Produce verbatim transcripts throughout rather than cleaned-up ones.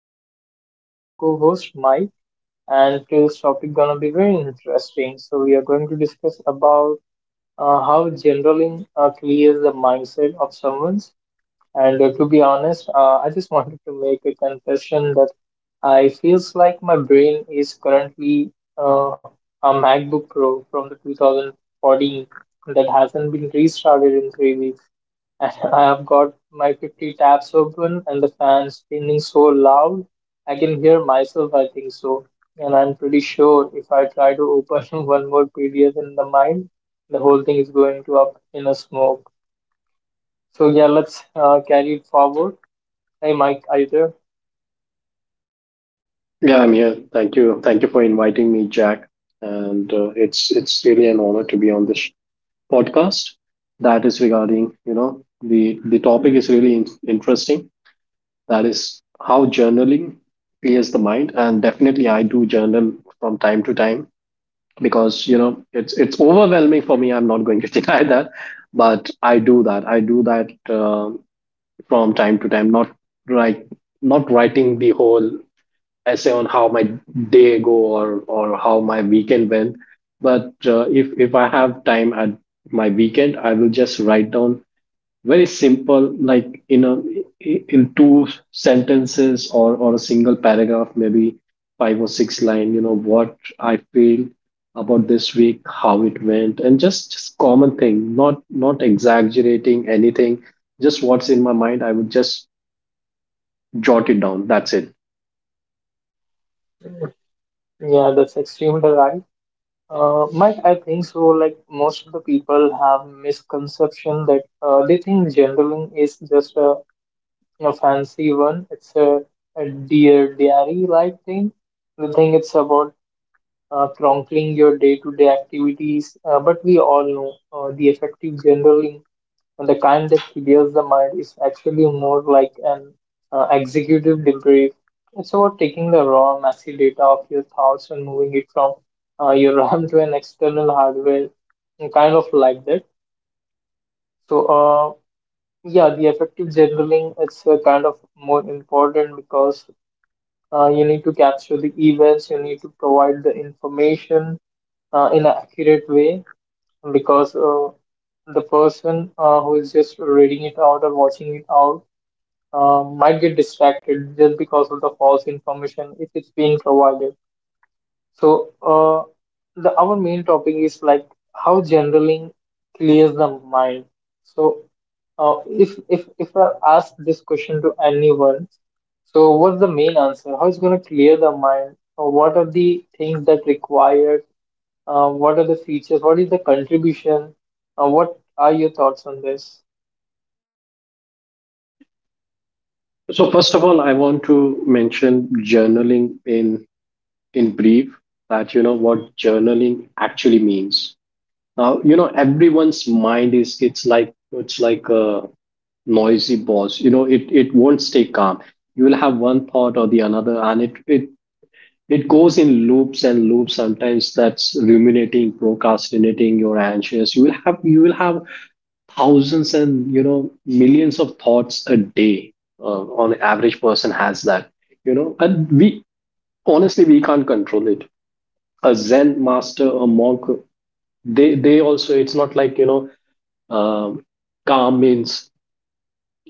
Joined by us our co-host, Mike. And today's topic gonna be very interesting. So we are going to discuss about uh, how generaling uh, clears the mindset of someone's. And uh, to be honest, uh, I just wanted to make a confession that I feels like my brain is currently uh, a MacBook Pro from the two thousand fourteen that hasn't been restarted in three weeks and I've got my fifty tabs open and the fan spinning so loud I can hear myself, I think so. And I'm pretty sure if I try to open one more P D F in the mind, the whole thing is going to up in a smoke. So yeah, let's uh, carry it forward. Hey Mike, are you there? Yeah, I'm here. Thank you. Thank you for inviting me, Jack. And uh, it's it's really an honor to be on this podcast. That is regarding, you know, the the topic is really in- interesting. That is how journaling clears the mind, and definitely I do journal from time to time because you know it's it's overwhelming for me. I'm not going to deny that, but I do that. I do that uh, from time to time. Not right, not writing the whole essay on how my day go or or how my weekend went, but uh, if if I have time at my weekend, I will just write down very simple, like in a in two sentences or or a single paragraph, maybe five or six line, you know what I feel about this week, how it went, and just, just common thing, not not exaggerating anything, just what's in my mind I would just jot it down, that's it. Yeah, that's extremely right. Uh, Mike, I think so. Like most of the people have misconception that uh, they think journaling is just a a fancy one. It's a, a deer diary like thing. The thing it's about uh, chronicling your day to day activities. Uh, but we all know uh, the effective journaling, the kind that clears the mind, is actually more like an uh, executive debrief. It's about taking the raw, messy data of your thoughts and moving it from uh, your RAM to an external hardware, and kind of like that. So, uh, yeah, the effective journaling is uh, kind of more important because Uh, you need to capture the events. You need to provide the information uh, in an accurate way because uh, the person uh, who is just reading it out or watching it out uh, might get distracted just because of the false information if it's being provided. So, uh, the our main topic is like how journaling clears the mind. So, uh, if if if I ask this question to anyone, so what's the main answer? How it's gonna clear the mind? Or what are the things that required? Uh, what are the features? What is the contribution? Uh, what are your thoughts on this? So first of all, I want to mention journaling in in brief, that you know what journaling actually means. Now, you know everyone's mind is, it's like it's like a noisy boss. You know it it won't stay calm. You will have one thought or the another, and it it it goes in loops and loops. Sometimes that's ruminating, procrastinating. You're anxious. You will have you will have thousands and, you know, millions of thoughts a day, uh, on average person has that, you know, and we honestly we can't control it. A zen master, a monk, they they also, it's not like, you know, um, calm means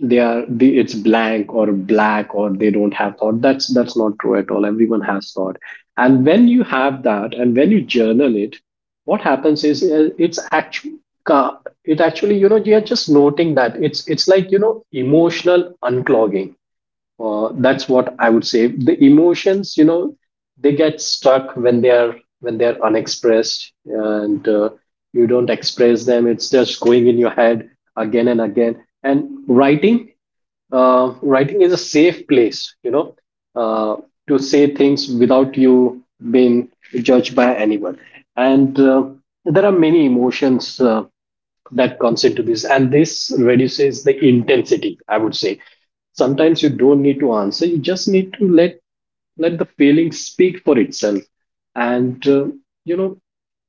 they are the, it's blank or black or they don't have thought, that's that's not true at all, everyone has thought. And when you have that and when you journal it, what happens is, uh, it's actually, it actually, you know, you're just noting that, it's it's like, you know, emotional unclogging, uh, that's what I would say. The emotions, you know, they get stuck when they are, when they are unexpressed, and uh, you don't express them. It's just going in your head again and again. And writing, uh, writing is a safe place, you know, uh, to say things without you being judged by anyone. And uh, there are many emotions. Uh, that comes into this, and this reduces the intensity, I would say. Sometimes you don't need to answer, you just need to let let the feeling speak for itself. And uh, you know,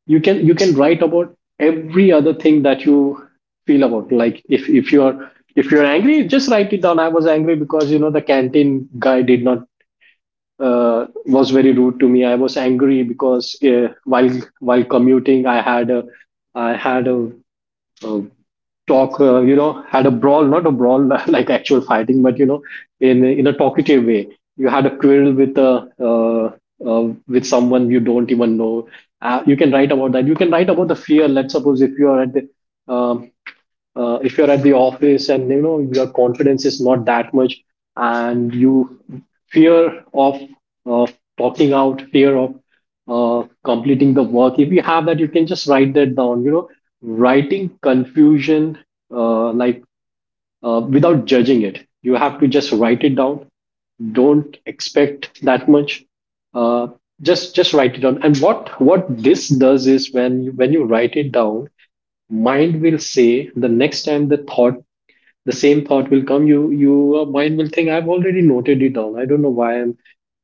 you can you can write about every other thing that you feel about, like if if you are, if you're angry, just write it down. I was angry because, you know, the canteen guy did not, uh, was very rude to me. I was angry because, uh, while while commuting i had a i had a uh, talk, uh, you know, had a brawl, not a brawl like actual fighting, but you know, in in a talkative way. You had a quarrel with a, uh, uh, with someone you don't even know. Uh, you can write about that. You can write about the fear. Let's suppose if you are at the, um uh, if you're at the office, and you know your confidence is not that much, and you fear of of talking out, fear of uh, completing the work, if you have that you can just write that down, you know. Writing confusion, uh, like, uh, without judging it, you have to just write it down, don't expect that much, uh, just just write it down. And what what this does is, when you, when you write it down, mind will say, the next time the thought, the same thought will come, you, your mind will think, I've already noted it down, I don't know why i'm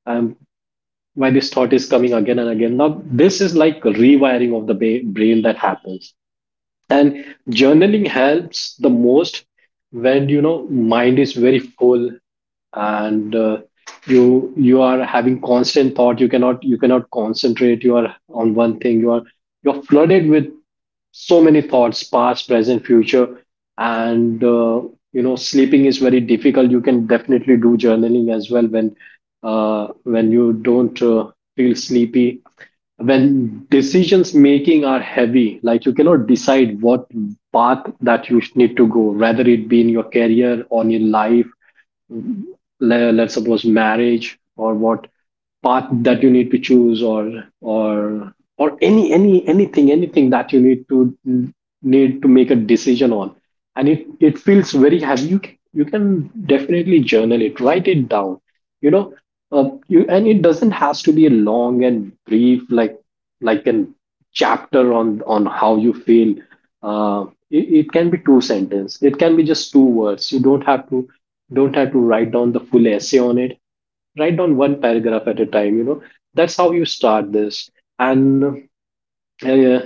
i'm why this thought is coming again and again. Now this is like rewiring of the ba- brain that happens, and journaling helps the most when, you know, mind is very full, and uh, you, you are having constant thought, you cannot, you cannot concentrate, you are on one thing, you are, you're flooded with so many thoughts, past, present, future, and uh, you know sleeping is very difficult. You can definitely do journaling as well when, uh, when you don't uh, feel sleepy, when decisions making are heavy, like you cannot decide what path that you need to go, whether it be in your career, on your life, le- let's suppose marriage, or what path that you need to choose, or or or any any anything anything that you need to need to make a decision on, and it it feels very heavy. You can, you can definitely journal it, write it down, you know. uh, you, and it doesn't has to be a long and brief, like like an chapter on on how you feel. Uh, it, it can be two sentence, it can be just two words. You don't have to, don't have to write down the full essay on it, write down one paragraph at a time, you know, that's how you start this. And uh,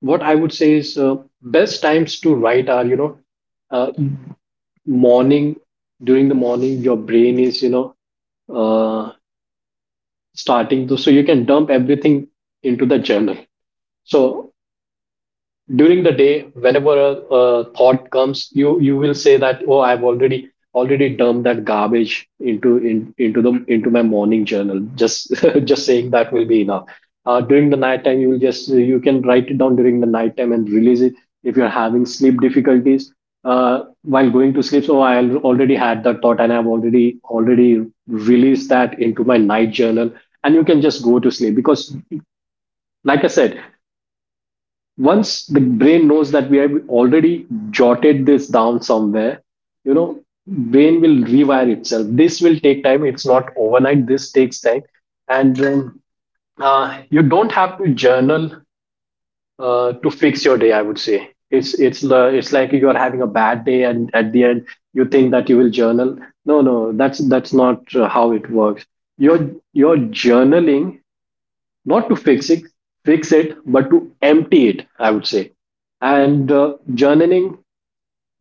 what I would say is, uh, best times to write are, you know, uh, morning. During the morning your brain is, you know, uh, starting to, so you can dump everything into the journal. So during the day, whenever a, a thought comes, you you will say that, oh, I've already already dumped that garbage into in, into the into my morning journal, just just saying that will be enough. Uh, during the night time, you will just, you can write it down during the night time and release it if you're having sleep difficulties, uh, while going to sleep. So I al- already had that thought, and I've already already released that into my night journal, and you can just go to sleep. Because, like I said, once the brain knows that we have already jotted this down somewhere, you know, brain will rewire itself. This will take time, it's not overnight, this takes time. And um, uh, you don't have to journal uh, to fix your day, I would say. it's it's the, it's like you are having a bad day and at the end you think that you will journal. No, no, that's that's not uh, how it works. your your journaling, not to fix it, fix it, but to empty it, I would say. And uh, journaling,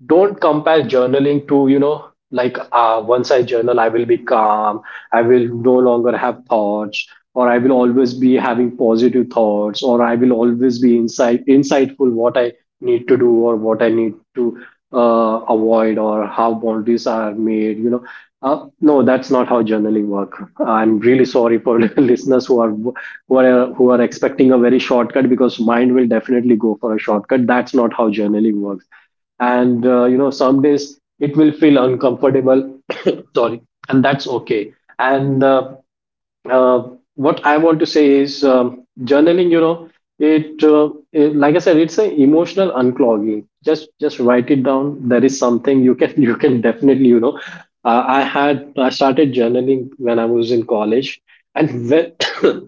don't compare journaling to, you know, like, uh, once I journal I will be calm, I will no longer have thoughts, or I will always be having positive thoughts, or I will always be insight insightful, what I need to do, or what I need to uh, avoid, or how boundaries are made, you know. Uh, no, that's not how journaling work. I'm really sorry for listeners who are, who are who are expecting a very shortcut, because mind will definitely go for a shortcut. That's not how journaling works. And uh, you know, some days it will feel uncomfortable. Sorry. And that's okay. and uh, uh, what I want to say is, um, journaling, you know, it, uh, it, like I said, it's an emotional unclogging. just just write it down, there is something. You can you can definitely, you know, uh, i had I started journaling when I was in college, and when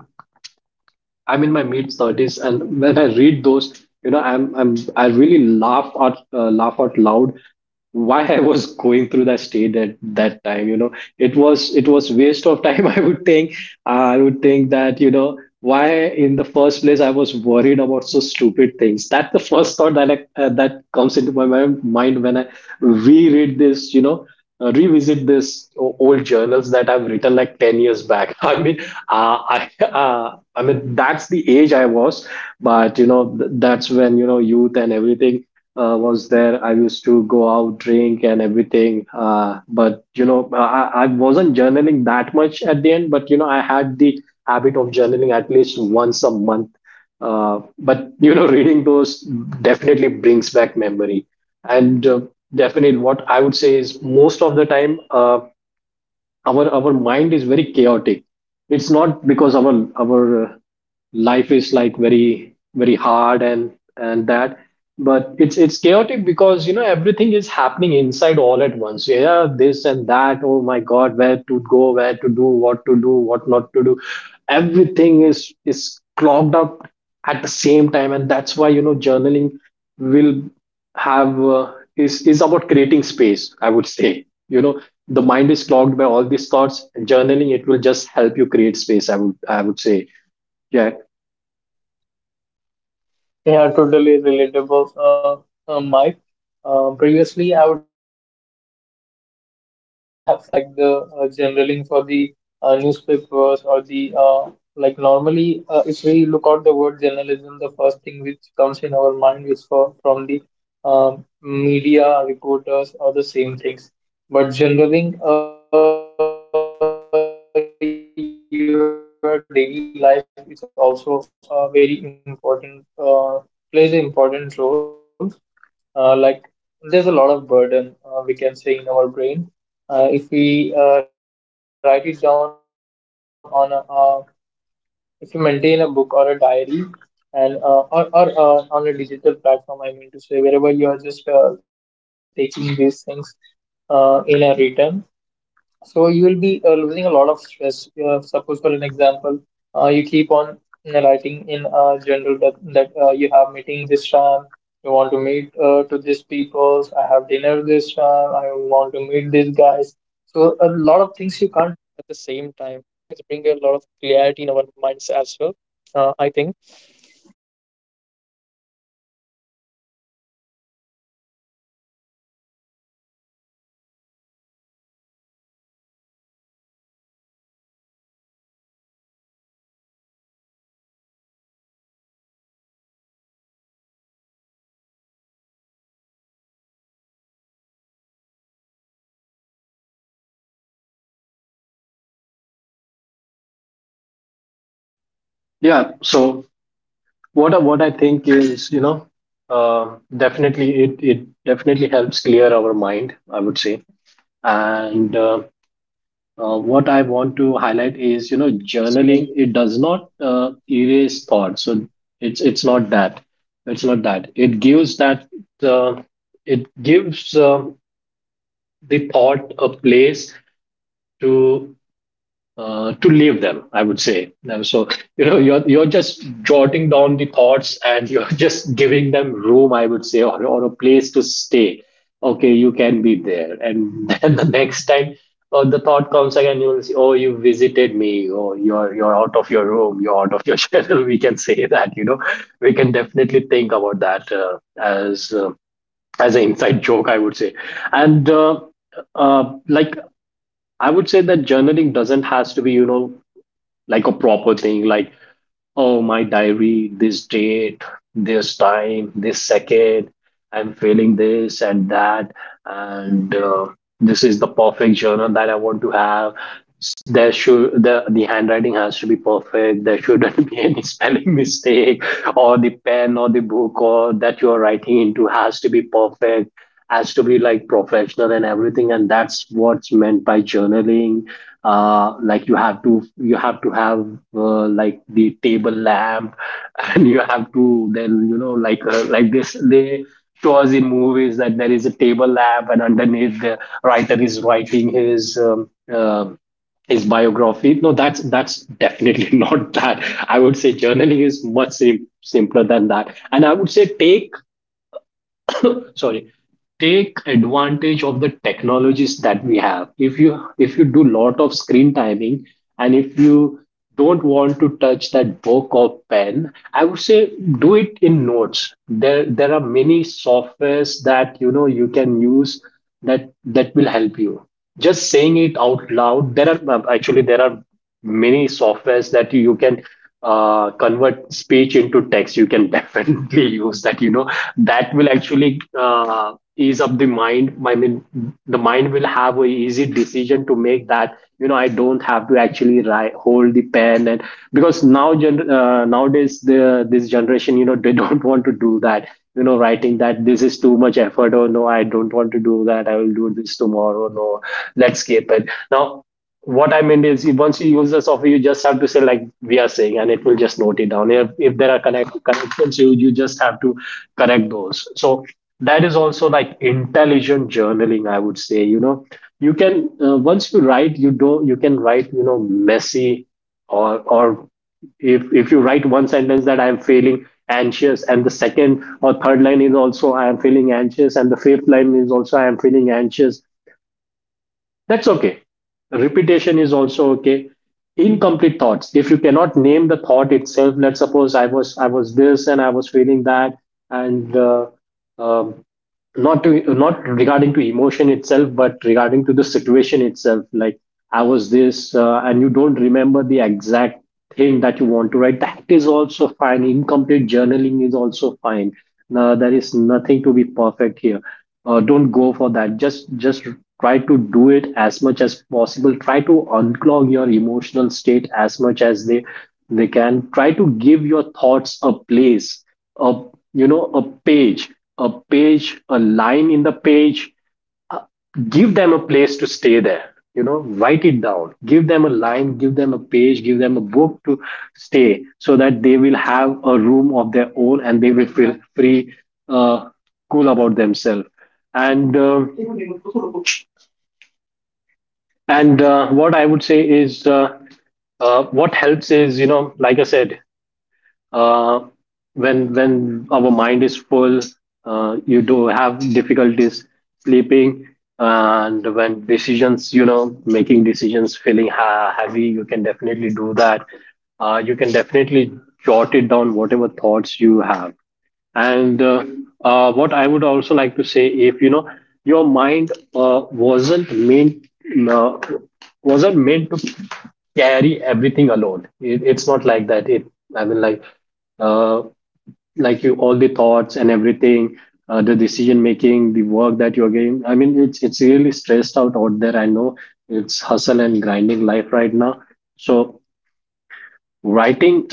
I'm in my mid thirties, and when I read those, you know, i'm i'm I really laugh out, uh, laugh out loud, why I was going through that state at that time. You know, it was it was waste of time. I would think I would think that, you know, why in the first place I was worried about so stupid things. That's the first thought that I, uh, that comes into my mi- mind when I reread this. You know. Uh, revisit this o- old journals that I've written like ten years back. I mean, uh, I, uh, I mean, that's the age I was, but you know, th- that's when, you know, youth and everything uh, was there. I used to go out, drink, and everything. Uh, but you know, I, I wasn't journaling that much at the end. But you know, I had the habit of journaling at least once a month. Uh, but you know, reading those definitely brings back memory. And uh, definitely, what I would say is most of the time. Uh, our our mind is very chaotic. It's not because our our uh, life is like very very hard and and that, but it's it's chaotic because, you know, everything is happening inside all at once. Yeah, this and that. Oh my god, where to go, where to do, what to do, what not to do. Everything is is clogged up at the same time, and that's why, you know, journaling will have uh, is is about creating space, I would say. You know, the mind is clogged by all these thoughts. Journaling, it will just help you create space, i would i would say. Yeah. Yeah, totally relatable, uh, uh, Mike. Uh, previously, I would have thought like journaling, it seems to be like the uh, journaling for the uh, newspapers or the uh, like normally, uh, if we look out the word journalism, the first thing which comes in our mind is for from the um media reporters or the same things. But journaling, uh, your daily life is also a very important, uh, plays an important role uh, like there's a lot of burden uh, we can say in our brain uh, if we uh, write it down on a uh, if we maintain a book or a diary and uh, or, or uh, on a digital platform, I mean to say wherever you are just uh, taking these things uh, in a written. So you will be uh, losing a lot of stress. Uh, suppose for an example, uh, you keep on uh, writing in uh, general that that uh, you have meeting this time, you want to meet uh, to these people. I have dinner this time. I want to meet these guys. So a lot of things. Yeah, so what I, what i think is, you know, uh, definitely it it definitely helps clear our mind, I would say. And uh, uh, What I want to highlight is, you know, journaling, it does not uh, erase thoughts. So it's it's not that. It's not that it gives that uh, it gives uh, the thought a place to uh, to leave them, I would say. Now. So, you know, you're, you're just jotting down the thoughts and you're just giving them room, I would say, or, or a place to stay. Okay, you can be there. And then the next time uh, the thought comes again, you will say, oh, you visited me, or you're, you're out of your room, you're out of your channel. We can say that, you know, we can definitely think about that uh, as, uh, as an inside joke, I would say. And uh, uh, like, I would say that journaling doesn't has to be, you know, like a proper thing, like, oh, my diary, this date, this time, this second, I'm feeling this and that, and uh, this is the perfect journal that I want to have. S- There should, the the handwriting has to be perfect. There shouldn't be any spelling mistake, or the pen or the book or that you are writing into has to be perfect, has to be like professional and everything, and that's what's meant by journaling. Uh like you have to, you have to have uh, like the table lamp, and you have to, then, you know, like uh, like this, they show us in movies that there is a table lamp and underneath the writer is writing his um, um his biography. No, that's that's definitely not that. I would say journaling is much sim- simpler than that, and I would say, take sorry, take advantage of the technologies that we have. If you, if you do lot of screen timing, and if you don't want to touch that book or pen, I would say, do it in notes. There there are many softwares that, you know, you can use, that that will help you. Just saying it out loud, there are actually, there are many softwares that you can uh, convert speech into text. You can definitely use that. You know, that will actually uh, ease up the mind. I mean, the mind will have a easy decision to make that. You know, I don't have to actually write, hold the pen, and because now gen- uh, nowadays the this generation, you know, they don't want to do that. You know, writing, that this is too much effort, or no, I don't want to do that. I will do this tomorrow. No, let's skip it now. What I meant is, once you use the software, you just have to say like we are saying, and it will just note it down. If, if there are connect, connections, you you just have to correct those. So that is also like intelligent journaling, I would say. You know, you can uh, once you write, you do you can write, you know, messy, or or if if you write one sentence that I am feeling anxious, and the second or third line is also I am feeling anxious, and the fifth line is also I am feeling anxious, that's okay. Repetition is also okay. Incomplete thoughts. If you cannot name the thought itself, let's suppose I was I was this and I was feeling that, and uh, um, not to, not regarding to emotion itself, but regarding to the situation itself. Like I was this, uh, and you don't remember the exact thing that you want to write, that is also fine. Incomplete journaling is also fine. Now, there is nothing to be perfect here. Uh, don't go for that. Just just try to do it as much as possible. Try to unclog your emotional state as much as they they can. Try to give your thoughts a place, a, you know, a page, a page, a line in the page. Uh, Give them a place to stay there. You know, write it down, give them a line, give them a page, give them a book to stay, so that they will have a room of their own and they will feel free, uh, cool about themselves. And uh, and uh, What I would say is, uh, uh, what helps is, you know, like I said, uh, when when our mind is full, uh, you do have difficulties sleeping, and when decisions, you know, making decisions, feeling ha- heavy, you can definitely do that. Uh, you can definitely jot it down, whatever thoughts you have. And uh, uh, What I would also like to say, if, you know, your mind uh, wasn't meant uh, wasn't meant to carry everything alone. It, it's not like that. It I mean like uh, like, you, all the thoughts and everything, uh, the decision making, the work that you're getting, I mean, it's it's really stressed out out there, I know. It's hustle and grinding life right now. So writing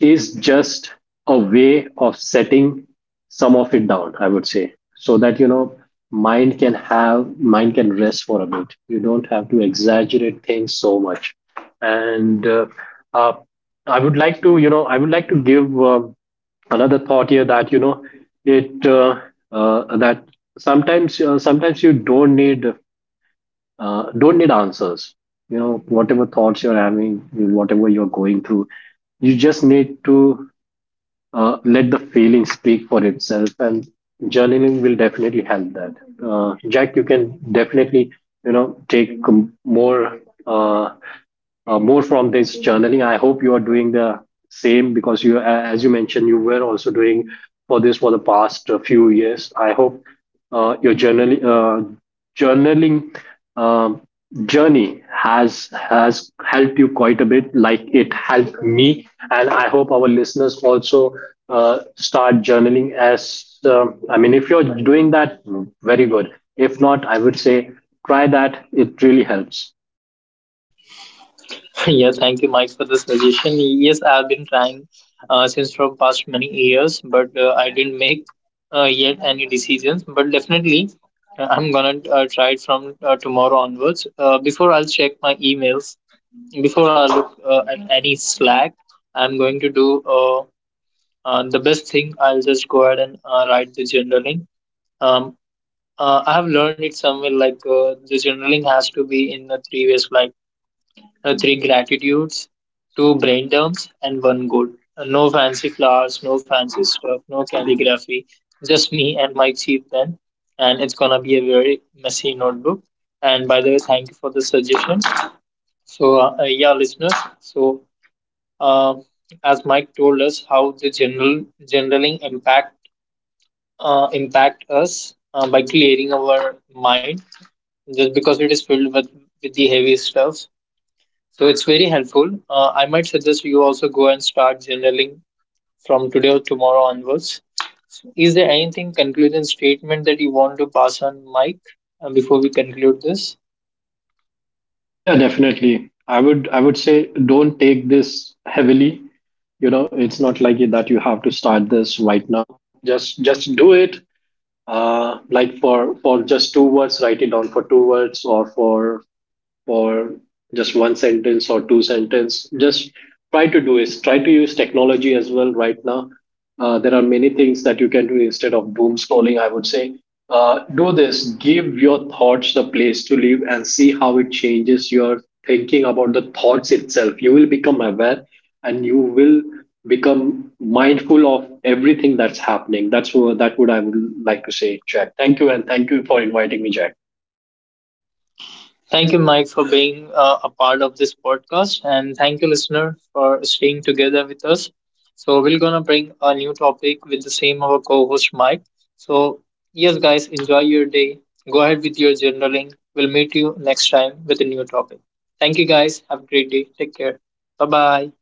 is just a way of setting some of it down, I would say, so that, you know, mind can have mind can rest for a bit. You don't have to exaggerate things so much. And uh, uh, I would like to, you know, I would like to give, um, another thought here that, you know, it uh, uh, that sometimes, uh, sometimes you don't need, uh, don't need answers. You know, whatever thoughts you're having, whatever you're going through, you just need to uh, let the feeling speak for itself, and journaling will definitely help that. Uh, Jack, you can definitely, you know, take com- more, uh, uh, more from this journaling. I hope you are doing the same, because you, as you mentioned, you were also doing for this for the past uh, few years. I hope uh, your journaling uh, journaling um, journey has has helped you quite a bit, like it helped me, and I hope our listeners also uh, start journaling. As um, I mean, if you're doing that, very good. If not, I would say try that. It really helps. Yeah, thank you, Mike, for the suggestion. Yes, I've been trying uh, since for past many years, but uh, I didn't make uh, yet any decisions. But definitely, uh, I'm gonna uh, try it from uh, tomorrow onwards. Uh, before I'll check my emails, before I look uh, at any Slack, I'm going to do uh, uh, the best thing. I'll just go ahead and uh, write the journaling. Um, uh, I have learned it somewhere like uh, the journaling has to be in a three ways, like uh, three gratitudes, two brain dumps, and one goal. Uh, no fancy flowers, no fancy stuff, no calligraphy, just me and my cheap pen. And it's gonna be a very messy notebook. And by the way, thank you for the suggestion. So, uh, uh, yeah, listeners. So, uh, as Mike told us, how the general generaling impact uh, impact us uh, by clearing our mind, just because it is filled with with the heavy stuff, so it's very helpful. Uh, I might suggest you also go and start journaling from today or tomorrow onwards. So is there anything conclusion statement that you want to pass on, Mike, uh, before we conclude this? Yeah, definitely. I would I would say, don't take this heavily. You know, it's not like that you have to start this right now. Just just do it. Uh, like for for just two words, write it down for two words, or for for just one sentence or two sentence. Just try to do is Try to use technology as well right now. Uh, there are many things that you can do instead of doom scrolling, I would say. Uh, do this, give your thoughts the place to live, and see how it changes your thinking about the thoughts itself. You will become aware and you will become mindful of everything that's happening. That's what that would I would like to say. Jack, thank you, and thank you for inviting me, Jack. Thank you, Mike, for being uh, a part of this podcast, and thank you, listener, for staying together with us. So we're gonna bring a new topic with the same our co-host Mike. So yes, guys, enjoy your day. Go ahead with your journaling. We'll meet you next time with a new topic. Thank you, guys. Have a great day. Take care. Bye bye.